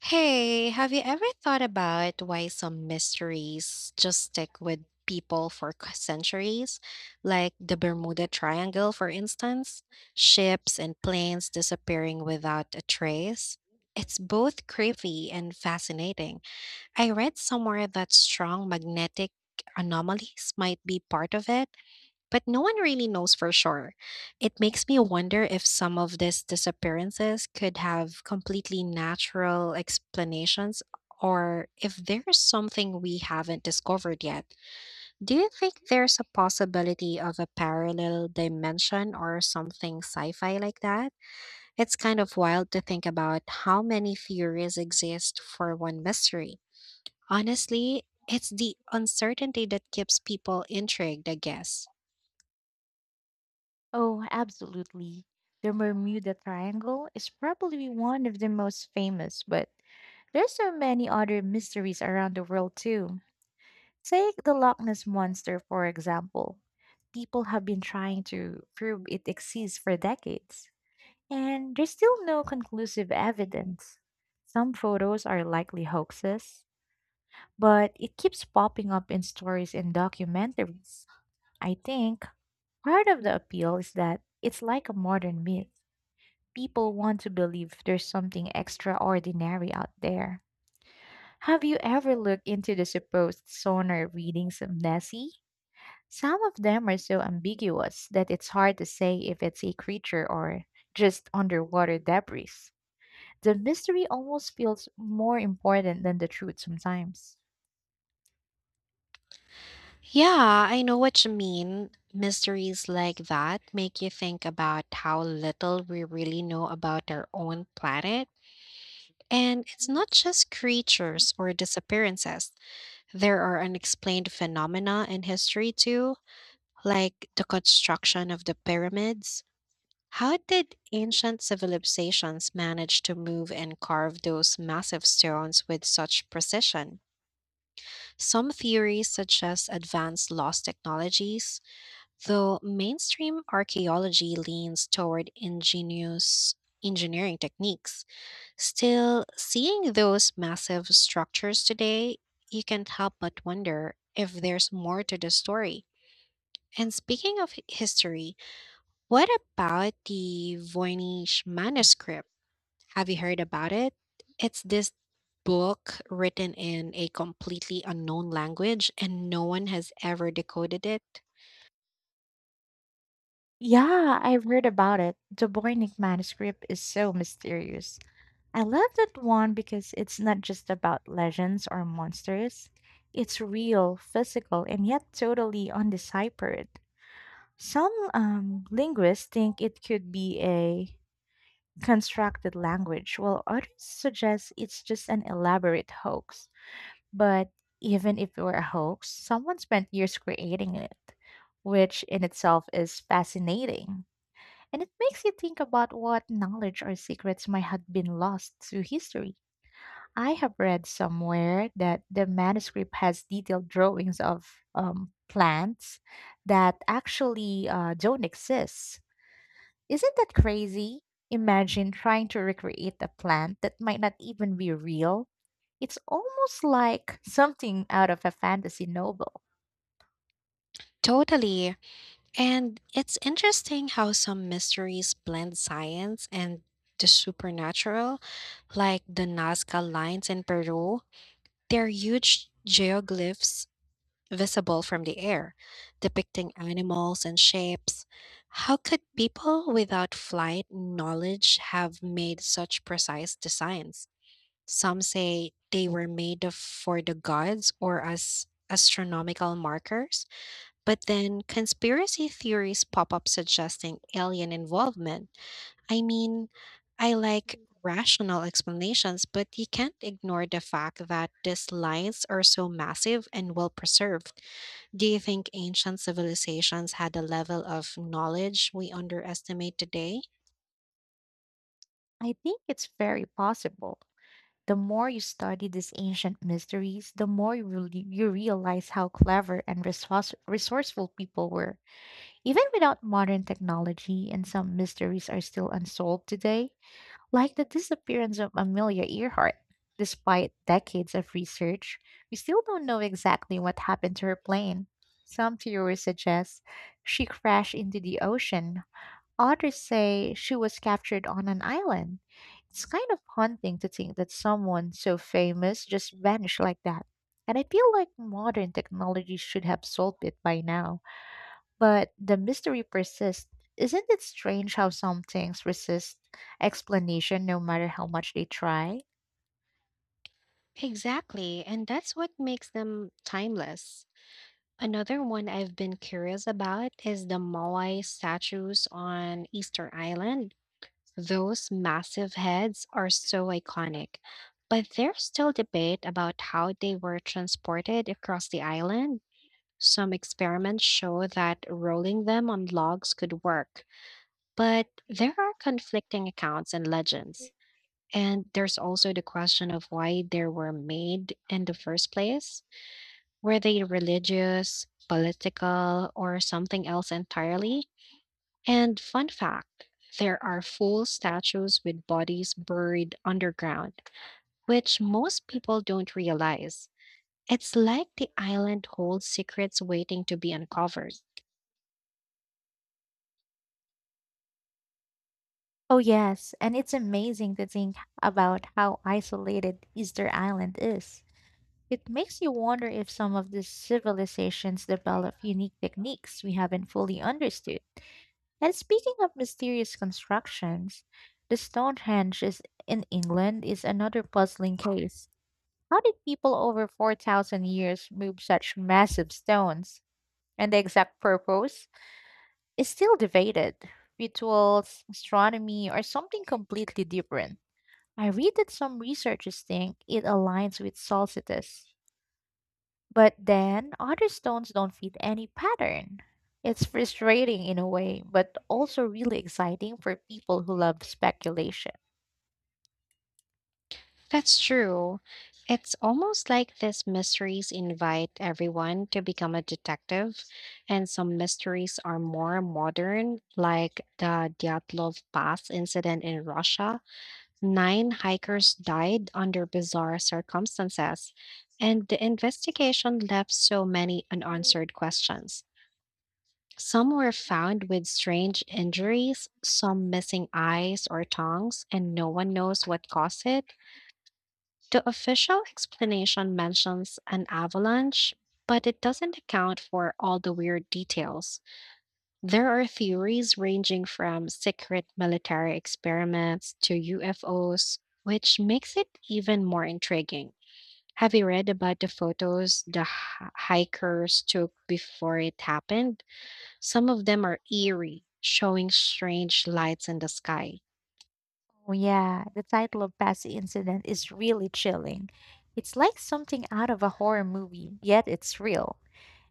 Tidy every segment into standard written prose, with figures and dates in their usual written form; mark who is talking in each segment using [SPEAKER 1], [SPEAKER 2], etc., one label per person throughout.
[SPEAKER 1] Hey, have you ever thought about why some mysteries just stick
[SPEAKER 2] Suggested
[SPEAKER 1] with
[SPEAKER 2] that the
[SPEAKER 1] people for centuries? Like the
[SPEAKER 2] transition
[SPEAKER 1] Bermuda Triangle, for instance, ships and planes
[SPEAKER 2] is
[SPEAKER 1] disappearing without a trace. It's both creepy and fascinating. I read somewhere that strong magnetic anomalies might be part of it, but no one really knows for sure. It makes me wonder if some of these disappearances could have completely natural explanations, or if there's something we haven't discovered yet. Do you think there's a possibility of a parallel dimension or something sci fi like that? It's kind of wild to think about how many theories exist for one mystery. Honestly, it's the uncertainty that keeps people intrigued, I guess.
[SPEAKER 2] Oh, absolutely. The Bermuda Triangle is probably one of the most famous, but there's so many other mysteries around the world too. Take the Loch Ness monster for example. People have been trying to prove it exists for decades, and there's still no conclusive evidence. Some photos are likely hoaxes, but it keeps popping up in stories and documentaries. I think part of the appeal is that it's like a modern myth. People want to believe there's something extraordinary out there. Have you ever looked into the supposed sonar readings of Nessie? Some of them are so ambiguous that it's hard to say if it's a creature or just underwater debris. The mystery almost feels more important than the truth sometimes.
[SPEAKER 1] Yeah, I know what you mean. Mysteries like that make you think about how little we really know about our own planet. And it's not just creatures or disappearances, there are unexplained phenomena in history too, like the construction of the pyramids. How did ancient civilizations manage to move and carve those massive stones with such precision? Some theories suggest advanced lost technologies. Though mainstream archaeology leans toward ingenious engineering techniques, still, seeing those massive structures today, you can't help but wonder if there's more to the story. And speaking of history, what about the Voynich manuscript? Have you heard about it? It's this book written in a completely unknown language and no one has ever decoded it.
[SPEAKER 2] Yeah, I've heard about it. The Voynich manuscript is so mysterious. I love that one because it's not just about legends or monsters. It's real, physical, and yet totally undeciphered. Some linguists think it could be a constructed language, while others suggest it's just an elaborate hoax. But even if it were a hoax, someone spent years creating it, which in itself is fascinating, and it makes you think about what knowledge or secrets might have been lost through history. I have read somewhere that the manuscript has detailed drawings of plants that actually don't exist. Isn't that crazy? Imagine trying to recreate a plant that might not even be real. It's almost like something out of a fantasy novel.
[SPEAKER 1] Totally. And it's interesting how some mysteries blend science and the supernatural, like the Nazca lines in Peru. They're huge geoglyphs visible from the air, depicting animals and shapes. How could people without flight knowledge have made such precise designs? Some say they were for the gods or as astronomical markers. But then conspiracy theories pop up suggesting alien involvement. I mean, I like rational explanations, but you can't ignore the fact that these lines are so massive and well preserved. Do you think ancient civilizations had a level of knowledge we underestimate today?
[SPEAKER 2] I think it's very possible. The more you study these ancient mysteries, the more you, you realize how clever and resourceful people were. Even without modern technology, and some mysteries are still unsolved today, like the disappearance of Amelia Earhart. Despite decades of research, we still don't know exactly what happened to her plane. Some theories suggest she crashed into the ocean, others say she was captured on an island. It's kind of haunting to think that someone so famous just vanished like that. And I feel like modern technology should have solved it by now. But the mystery persists. Isn't it strange how some things resist explanation no matter how much they try?
[SPEAKER 1] Exactly, and that's what makes them timeless. Another one I've been curious about is the Moai statues on Easter Island. Those massive heads are so iconic, but there's still debate about how they were transported across the island. Some experiments show that rolling them on logs could work, but there are conflicting accounts and legends. And there's also the question of why they were made in the first place. Were they religious, political, or something else entirely? And fun fact, there are full statues with bodies buried underground, which most people don't realize. It's like the island holds secrets waiting to be uncovered.
[SPEAKER 2] Oh, yes, and it's amazing to think about how isolated Easter Island is. It makes you wonder if some of these civilizations develop unique techniques we haven't fully understood. And speaking of mysterious constructions, the Stonehenge is in England is another puzzling case. How did people over 4,000 years move such massive stones? And the exact purpose is still debated. Rituals, astronomy, or something completely different. I read that some researchers think it aligns with solstice, but then other stones don't fit any pattern. It's frustrating in a way, but also really exciting for people who love speculation.
[SPEAKER 1] That's true. It's almost like these mysteries invite everyone to become a detective, and some mysteries are more modern, like the Dyatlov Pass incident in Russia. Nine hikers died under bizarre circumstances, and the investigation left so many unanswered questions. Some were found with strange injuries, some missing eyes or tongues, and no one knows what caused it. The official explanation mentions an avalanche, but it doesn't account for all the weird details. There are theories ranging from secret military experiments to UFOs, which makes it even more intriguing. Have you read about the photos the hikers took before it happened? Some of them are eerie, showing strange lights in the sky.
[SPEAKER 2] Oh, yeah, the title of Past Incident is really chilling. It's like something out of a horror movie, yet it's real.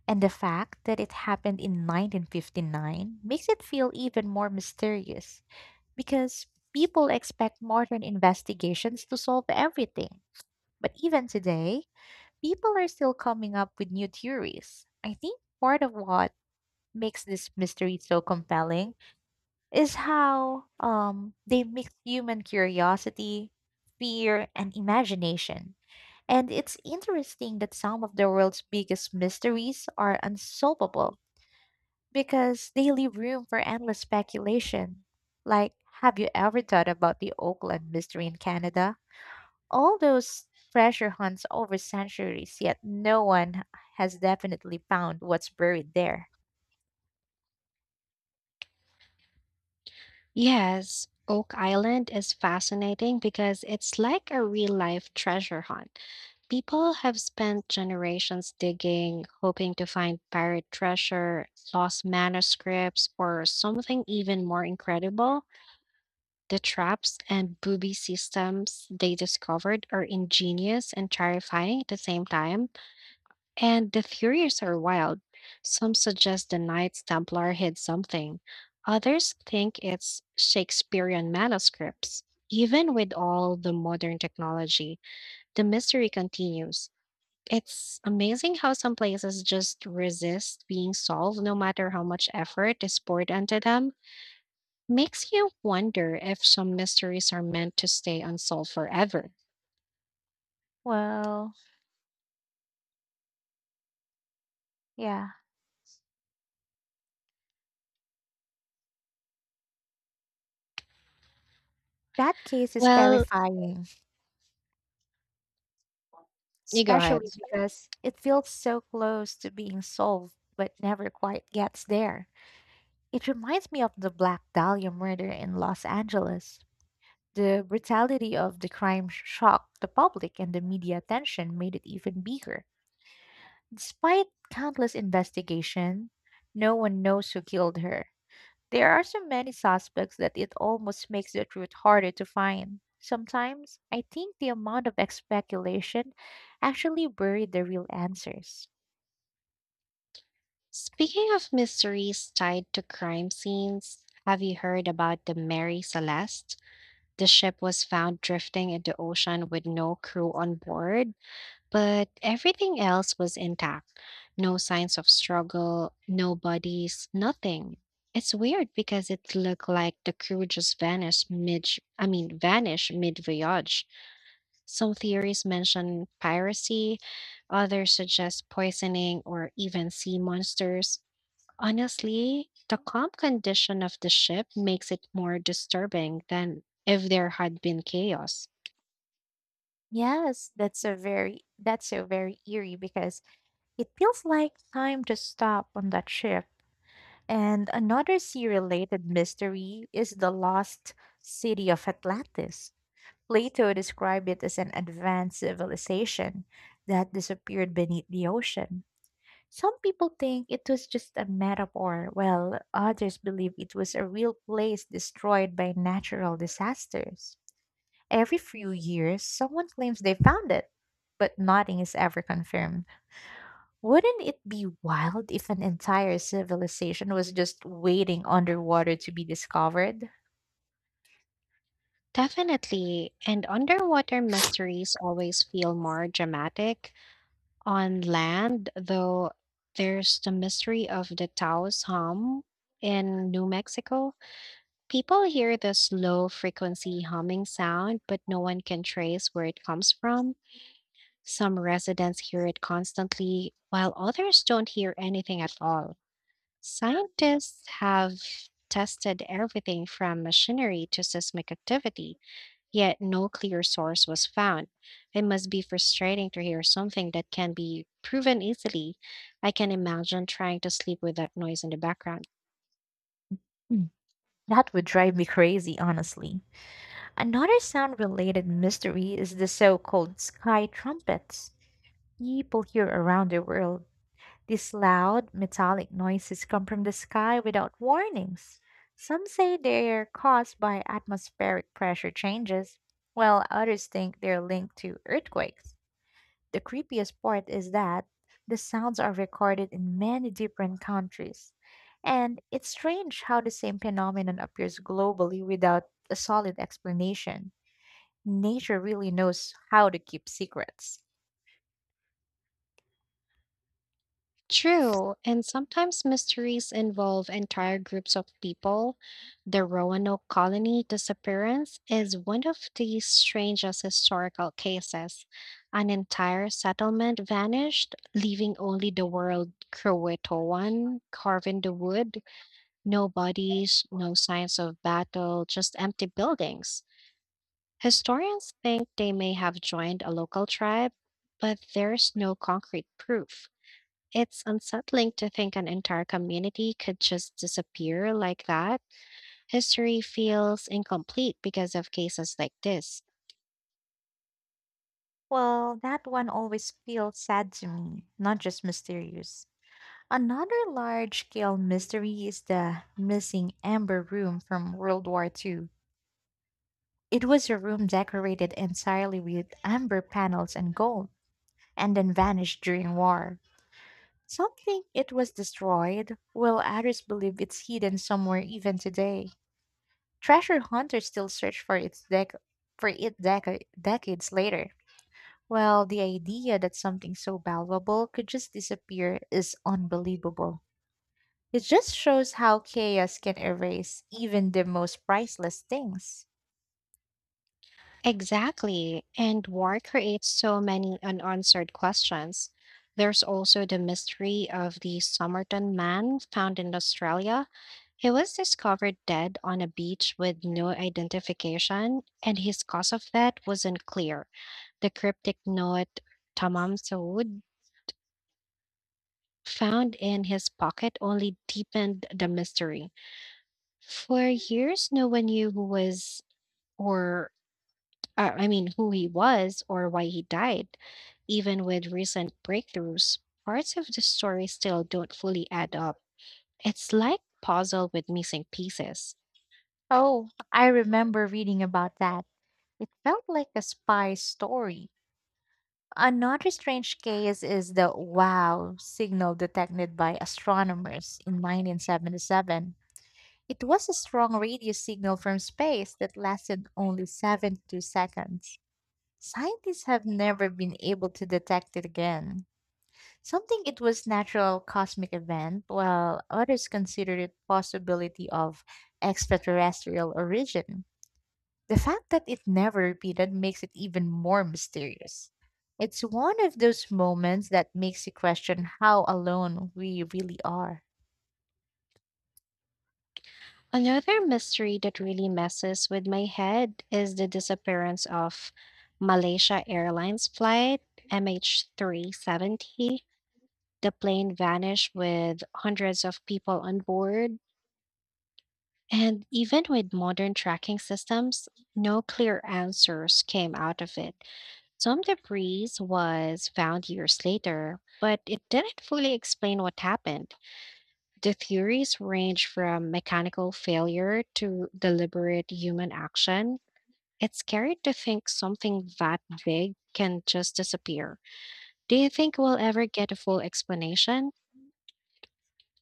[SPEAKER 2] And the fact that it happened in 1959 makes it feel even more mysterious because people expect modern investigations to solve everything. But even today, people are still coming up with new theories. I think part of what makes this mystery so compelling is how they mix human curiosity, fear, and imagination. And it's interesting that some of the world's biggest mysteries are unsolvable because they leave room for endless speculation. Like, have you ever thought about the Oakland mystery in Canada? All those treasure hunts over centuries, yet no one has definitely found what's buried there.
[SPEAKER 1] Yes, Oak Island is fascinating because it's like a real life treasure hunt. People have spent generations digging, hoping to find pirate treasure, lost manuscripts, or something even more incredible. The traps and booby systems they discovered are ingenious and terrifying at the same time, and the theories are wild. Some suggest the Knights Templar hid something, others think it's Shakespearean manuscripts. Even with all the modern technology, the mystery continues. It's amazing how some places just resist being solved no matter how much effort is poured into them. Makes you wonder if some mysteries are meant to stay unsolved forever.
[SPEAKER 2] Well, yeah, that case is
[SPEAKER 1] Well,
[SPEAKER 2] terrifying,
[SPEAKER 1] you go ahead.
[SPEAKER 2] especially because it feels so close to being solved but never quite gets there. It reminds me of the Black Dahlia murder in Los Angeles. The brutality of the crime shocked the public, and the media attention made it even bigger. Despite countless investigation, no one knows who killed her. There are so many suspects that it almost makes the truth harder to find. Sometimes, I think the amount of speculation actually buried the real answers.
[SPEAKER 1] Speaking of mysteries tied to crime scenes, have you heard about the Mary Celeste? The ship was found drifting in the ocean with no crew on board, but everything else was intact. No signs of struggle, no bodies, nothing. It's weird because it looked like the crew just vanished mid I mean, vanished mid voyage. Some theories mention piracy, others suggest poisoning or even sea monsters. Honestly, the calm condition of the ship makes it more disturbing than if there had been chaos.
[SPEAKER 2] Yes, that's so very eerie because it feels like time to stop on that ship. And another sea related mystery is the lost city of Atlantis. Plato described it as an advanced civilization that disappeared beneath the ocean. Some people think it was just a metaphor, while others believe it was a real place destroyed by natural disasters. Every few years, someone claims they found it, but nothing is ever confirmed. Wouldn't it be wild if an entire civilization was just waiting underwater to be discovered?
[SPEAKER 1] Definitely. And underwater mysteries always feel more dramatic. On land, though, there's the mystery of the Taos hum in New Mexico. People hear this low frequency humming sound, but no one can trace where it comes from. Some residents hear it constantly, while others don't hear anything at all. Scientists have tested everything from machinery to seismic activity, yet no clear source was found. It must be frustrating to hear something that can be proven easily. I can imagine trying to sleep with that noise in the background.
[SPEAKER 2] Mm. That would drive me crazy, honestly. Another sound related mystery is the so called sky trumpets. People hear around the world. These loud, metallic noises come from the sky without warnings. Some say they're caused by atmospheric pressure changes, while others think they're linked to earthquakes. The creepiest part is that the sounds are recorded in many different countries. And it's strange how the same phenomenon appears globally without a solid explanation. Nature really knows how to keep secrets.
[SPEAKER 1] True, and sometimes mysteries involve entire groups of people. The Roanoke colony disappearance is one of the strangest historical cases. An entire settlement vanished, leaving only the word Croatoan carved in the wood. No bodies, no signs of battle, just empty buildings. Historians think they may have joined a local tribe, but there's no concrete proof. It's unsettling to think an entire community could just disappear like that. History feels incomplete because of cases like this.
[SPEAKER 2] Well, that one always feels sad to me, not just mysterious. Another large scale mystery is the missing amber room from World War II. It was a room decorated entirely with amber panels and gold, and then vanished during war. Some think it was destroyed, while others believe it's hidden somewhere even today. Treasure hunters still search for its for it decades later. Well, the idea that something so valuable could just disappear is unbelievable. It just shows how chaos can erase even the most priceless things.
[SPEAKER 1] Exactly. And war creates so many unanswered questions. There's also the mystery of the Somerton man found in Australia. He was discovered dead on a beach with no identification, and his cause of death wasn't clear. The cryptic note Tamam Saud found in his pocket only deepened the mystery. For years, no one knew or who he was or why he died. Even with recent breakthroughs, parts of the story still don't fully add up. It's like puzzle with missing pieces.
[SPEAKER 2] Oh, I remember reading about that. It felt like a spy story. Another strange case is the wow signal detected by astronomers in 1977. It was a strong radio signal from space that lasted only 72 seconds. Scientists have never been able to detect it again. Some think it was natural cosmic event, while others consider it possibility of extraterrestrial origin. The fact that it never repeated makes it even more mysterious. It's one of those moments that makes you question how alone we really are.
[SPEAKER 1] Another mystery that really messes with my head is the disappearance of Malaysia Airlines flight MH370. The plane vanished with hundreds of people on board, and even with modern tracking systems, no clear answers came out of it. Some debris was found years later, but it didn't fully explain what happened. The theories range from mechanical failure to deliberate human action. It's scary to think something that big can just disappear. Do you think we'll ever get a full explanation?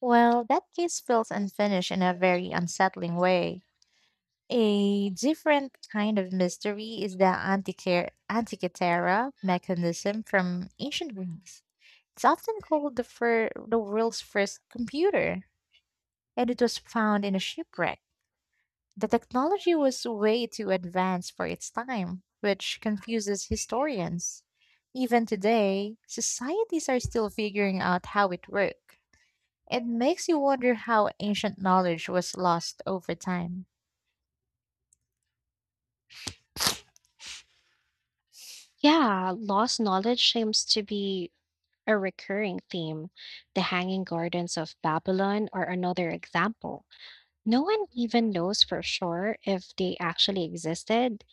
[SPEAKER 2] Well, that case feels unfinished in a very unsettling way. A different kind of mystery is the Antikythera mechanism from ancient Greece. It's often called the the world's first computer, and it was found in a shipwreck. The technology was way too advanced for its time, which confuses historians. Even today, societies are still figuring out how it worked. It makes you wonder how ancient knowledge was lost over time.
[SPEAKER 1] Yeah, lost knowledge seems to be a recurring theme. The Hanging Gardens of Babylon are another example. No one even knows for sure if they actually existed.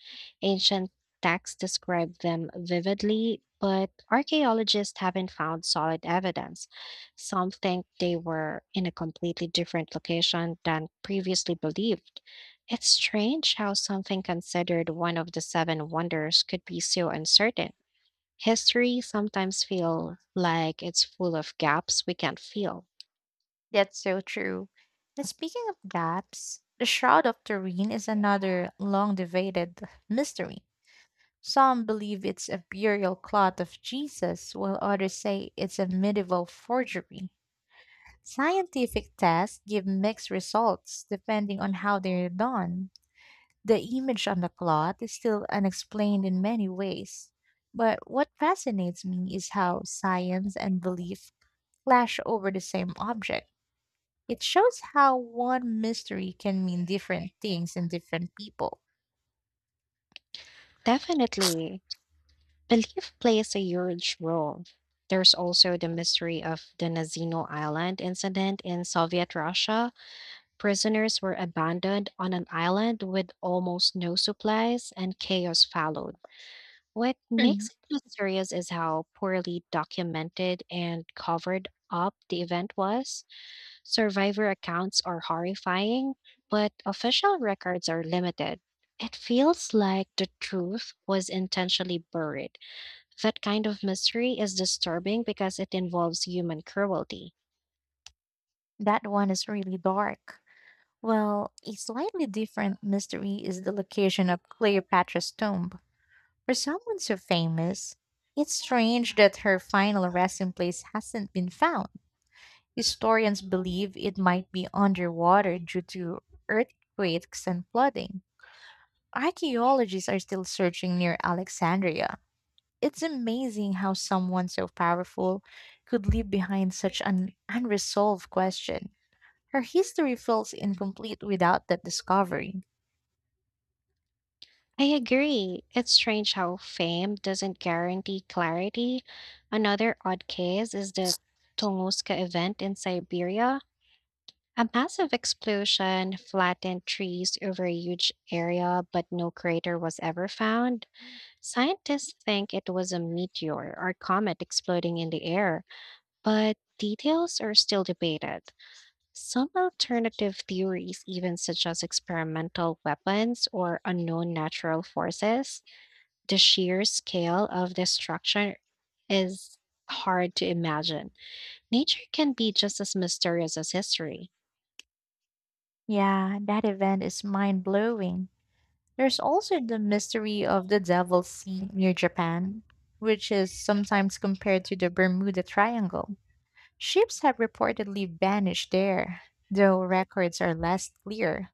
[SPEAKER 1] Ancient texts describe them vividly, but archaeologists haven't found solid evidence. Some think they were in a completely different location than previously believed. It's strange how something considered one of the seven wonders could be so uncertain. History sometimes feels like it's full of gaps we can't fill.
[SPEAKER 2] That's so true. And speaking of gaps, the Shroud of Turin is another long debated mystery. Some believe it's a burial cloth of Jesus, while others say it's a medieval forgery. Scientific tests give mixed results depending on how they're done. The image on the cloth is still unexplained in many ways. But what fascinates me is how science and belief clash over the same object. It shows how one mystery can mean different things in different people.
[SPEAKER 1] Definitely. Belief plays a huge role. There's also the mystery of the Nazino Island incident in Soviet Russia. Prisoners were abandoned on an island with almost no supplies, and chaos followed. What
[SPEAKER 2] Hmm,
[SPEAKER 1] makes it mysterious is how poorly documented and covered up the event was. Survivor accounts are horrifying, but official records are limited. It feels like the truth was intentionally buried. That kind of mystery is disturbing because it involves human cruelty.
[SPEAKER 2] that one is really dark. Well, a slightly different mystery is the location of Cleopatra's tomb. For someone so famous, it's strange that her final resting place hasn't been found. Historians believe it might be underwater due to earthquakes and flooding. Archaeologists are still searching near Alexandria. It's amazing how someone so powerful could leave behind such an unresolved question. Her history feels incomplete without that discovery.
[SPEAKER 1] I agree. It's strange how fame doesn't guarantee clarity. Another odd case is the Tunguska event in Siberia. A massive explosion flattened trees over a huge area, but no crater was ever found. Scientists think it was a meteor or comet exploding in the air, but details are still debated. Some alternative theories even suggest experimental weapons or unknown natural forces. The sheer scale of destruction is hard to imagine. Nature can be just as mysterious as history.
[SPEAKER 2] Yeah, that event is mind blowing. There's also the mystery of the Devil's Sea near Japan, which is sometimes compared to the Bermuda Triangle. Ships have reportedly vanished there, though records are less clear.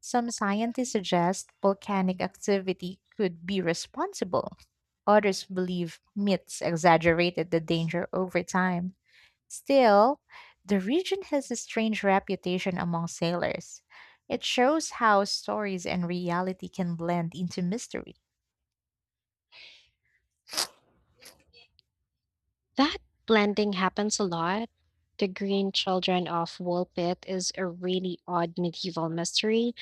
[SPEAKER 2] Some scientists suggest volcanic activity could be responsible. Others believe myths exaggerated the danger over time. Still, the region has a strange reputation among sailors. It shows how stories and reality can blend into mystery.
[SPEAKER 1] That blending happens a lot. The Green Children of Woolpit is a really odd medieval mystery.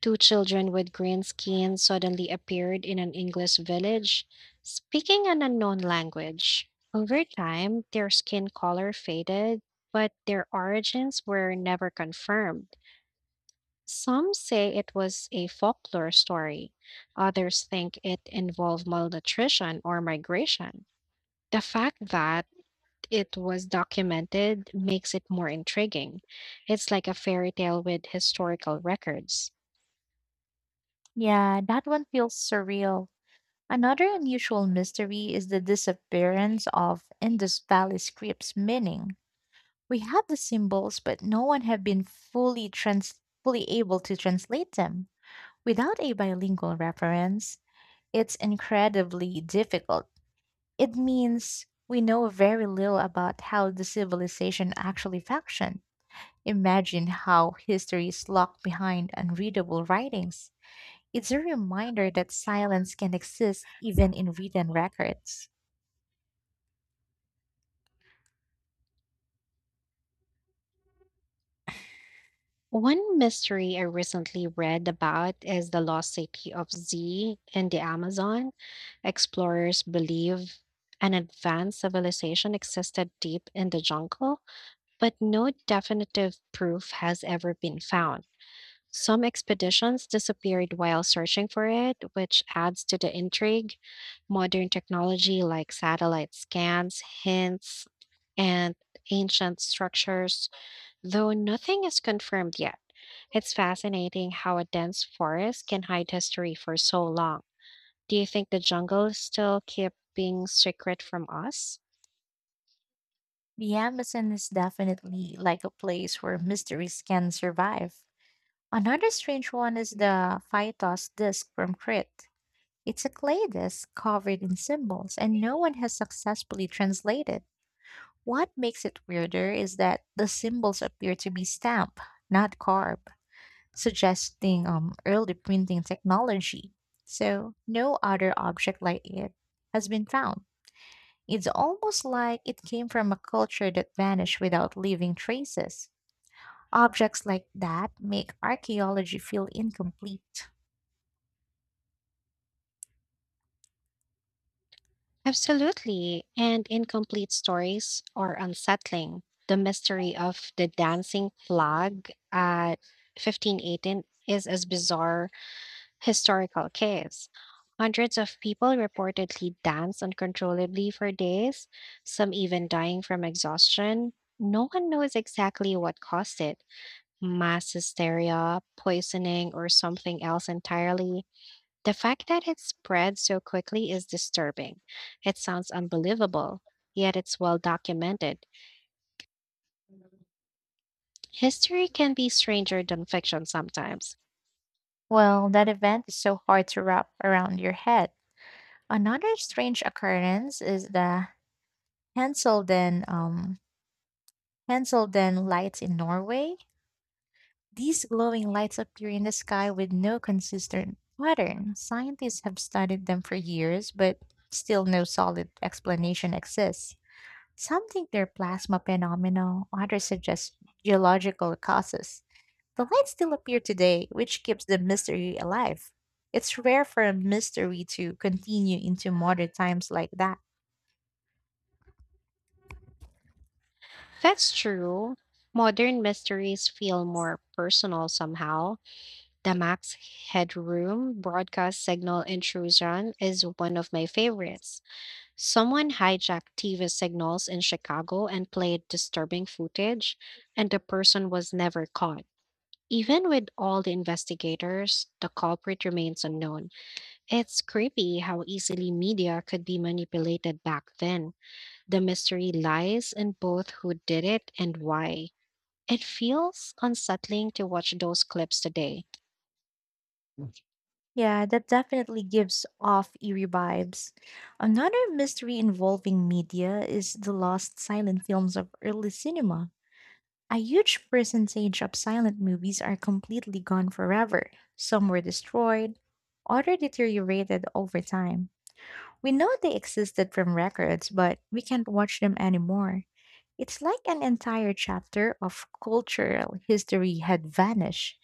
[SPEAKER 1] Two children with green skin suddenly appeared in an English village, speaking an unknown language. Over time, their skin color faded, but their origins were never confirmed. Some say it was a folklore story. Others think it involved malnutrition or migration. The fact that it was documented makes it more intriguing. It's like a fairy tale with historical records.
[SPEAKER 2] Yeah, that one feels surreal. Another unusual mystery is the disappearance of Indus Valley script's meaning. We have the symbols, but no one have been fully able to translate them. Without a bilingual reference, it's incredibly difficult. It means we know very little about how the civilization actually functioned. Imagine how history is locked behind unreadable writings. It's a reminder that silence can exist even in written records.
[SPEAKER 1] One mystery I recently read about is the lost city of Z in the Amazon. Explorers believe an advanced civilization existed deep in the jungle, but no definitive proof has ever been found. Some expeditions disappeared while searching for it, which adds to the intrigue. Modern technology like satellite scans, hints, and ancient structures. Though nothing is confirmed yet, it's fascinating how a dense forest can hide history for so long. Do you think the jungle still keep being secret from us?
[SPEAKER 2] The Amazon is definitely like a place where mysteries can survive. Another strange one is the Phytos disc from Crete. It's a clay disc covered in symbols, and no one has successfully translated. What makes it weirder is that the symbols appear to be stamped, not carved, suggesting early printing technology. So, no other object like it has been found. It's almost like it came from a culture that vanished without leaving traces. Objects like that make archaeology feel incomplete.
[SPEAKER 1] Absolutely, and incomplete stories are unsettling. The mystery of the dancing flag at 1518 is as bizarre historical caves. Hundreds of people reportedly danced uncontrollably for days, some even dying from exhaustion. No one knows exactly what caused it, mass hysteria, poisoning, or something else entirely. The fact that it spread so quickly is disturbing. It sounds unbelievable, yet it's well documented. History can be stranger than fiction sometimes.
[SPEAKER 2] Well, that event is so hard to wrap around your head. Another strange occurrence is the Hanselden, um, Hanselden lights in Norway. These glowing lights appear in the sky with no consistent pattern. Scientists have studied them for years, but still no solid explanation exists. Some think they're plasma phenomena, others suggest geological causes. The lights still appear today, which keeps the mystery alive. It's rare for a mystery to continue into modern times like that.
[SPEAKER 1] That's true. Modern mysteries feel more personal somehow. The Max Headroom broadcast signal intrusion is one of my favorites. Someone hijacked TV signals in Chicago and played disturbing footage, and the person was never caught. Even with all the investigators, the culprit remains unknown. It's creepy how easily media could be manipulated back then. The mystery lies in both who did it and why. It feels unsettling to watch those clips today.
[SPEAKER 2] Yeah, that definitely gives off eerie vibes. Another mystery involving media is the lost silent films of early cinema. A huge percentage of silent movies are completely gone forever. Some were destroyed, others deteriorated over time. We know they existed from records, but we can't watch them anymore. It's like an entire chapter of cultural history had vanished.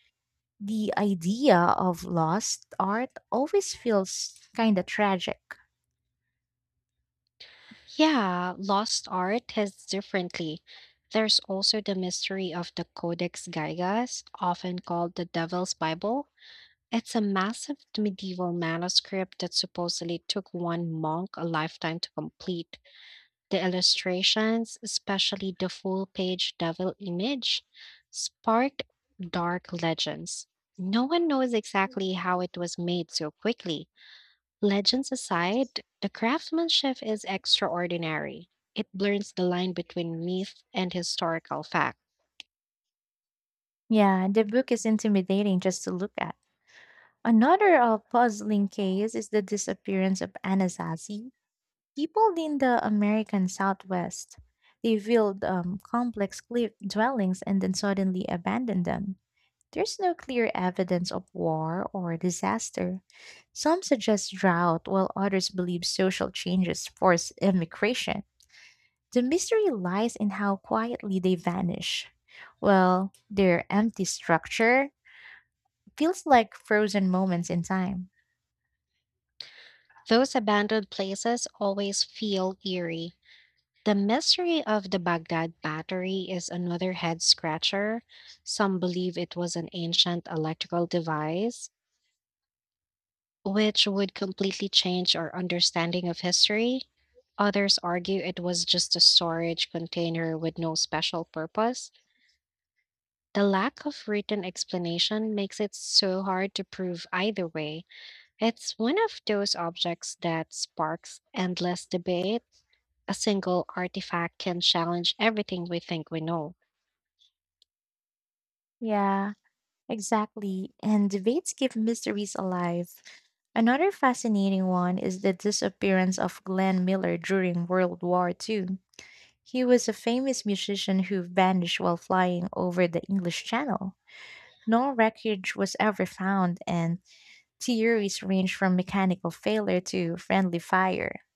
[SPEAKER 2] The idea of lost art always feels kind of tragic.
[SPEAKER 1] Yeah, lost art hits differently. There's also the mystery of the Codex Gigas, often called the Devil's Bible. It's a massive medieval manuscript that supposedly took one monk a lifetime to complete. The illustrations, especially the full page devil image, sparked dark legends. No one knows exactly how it was made so quickly. Legends aside, the craftsmanship is extraordinary. It blurs the line between myth and historical fact.
[SPEAKER 2] Yeah, the book is intimidating just to look at. Another puzzling case is the disappearance of Anasazi. People in the American Southwest, they built complex cliff dwellings and then suddenly abandoned them. There's no clear evidence of war or disaster. Some suggest drought, while others believe social changes force immigration. The mystery lies in how quietly they vanish. Well, their empty structure feels like frozen moments in time.
[SPEAKER 1] Those abandoned places always feel eerie. The mystery of the Baghdad battery is another head scratcher. Some believe it was an ancient electrical device, which would completely change our understanding of history. Others argue it was just a storage container with no special purpose. The lack of written explanation makes it so hard to prove either way. It's one of those objects that sparks endless debate. A single artifact can challenge everything we think we know.
[SPEAKER 2] Yeah, exactly. And debates keep mysteries alive. Another fascinating one is the disappearance of Glenn Miller during World War II. He was a famous musician who vanished while flying over the English Channel. No wreckage was ever found, and theories range from mechanical failure to friendly fire.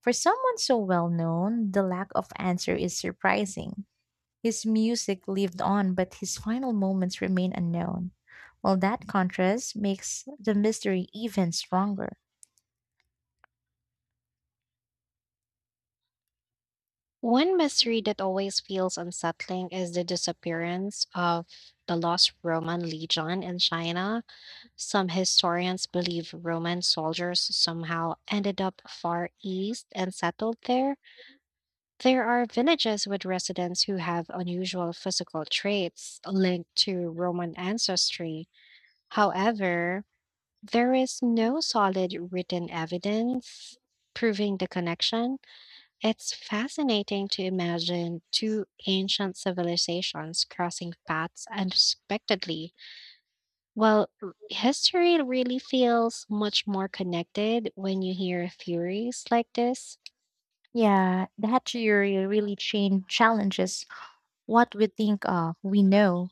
[SPEAKER 2] For someone so well known, the lack of answer is surprising. His music lived on, but his final moments remain unknown. Well, that contrast makes the mystery even stronger.
[SPEAKER 1] One mystery that always feels unsettling is the disappearance of the lost Roman legion in China. Some historians believe Roman soldiers somehow ended up far east and settled there. There are villages with residents who have unusual physical traits linked to Roman ancestry. However, there is no solid written evidence proving the connection. It's fascinating to imagine two ancient civilizations crossing paths unexpectedly. Well, history really feels much more connected when you hear theories like this.
[SPEAKER 2] Yeah, that theory really challenges what we think of, we know,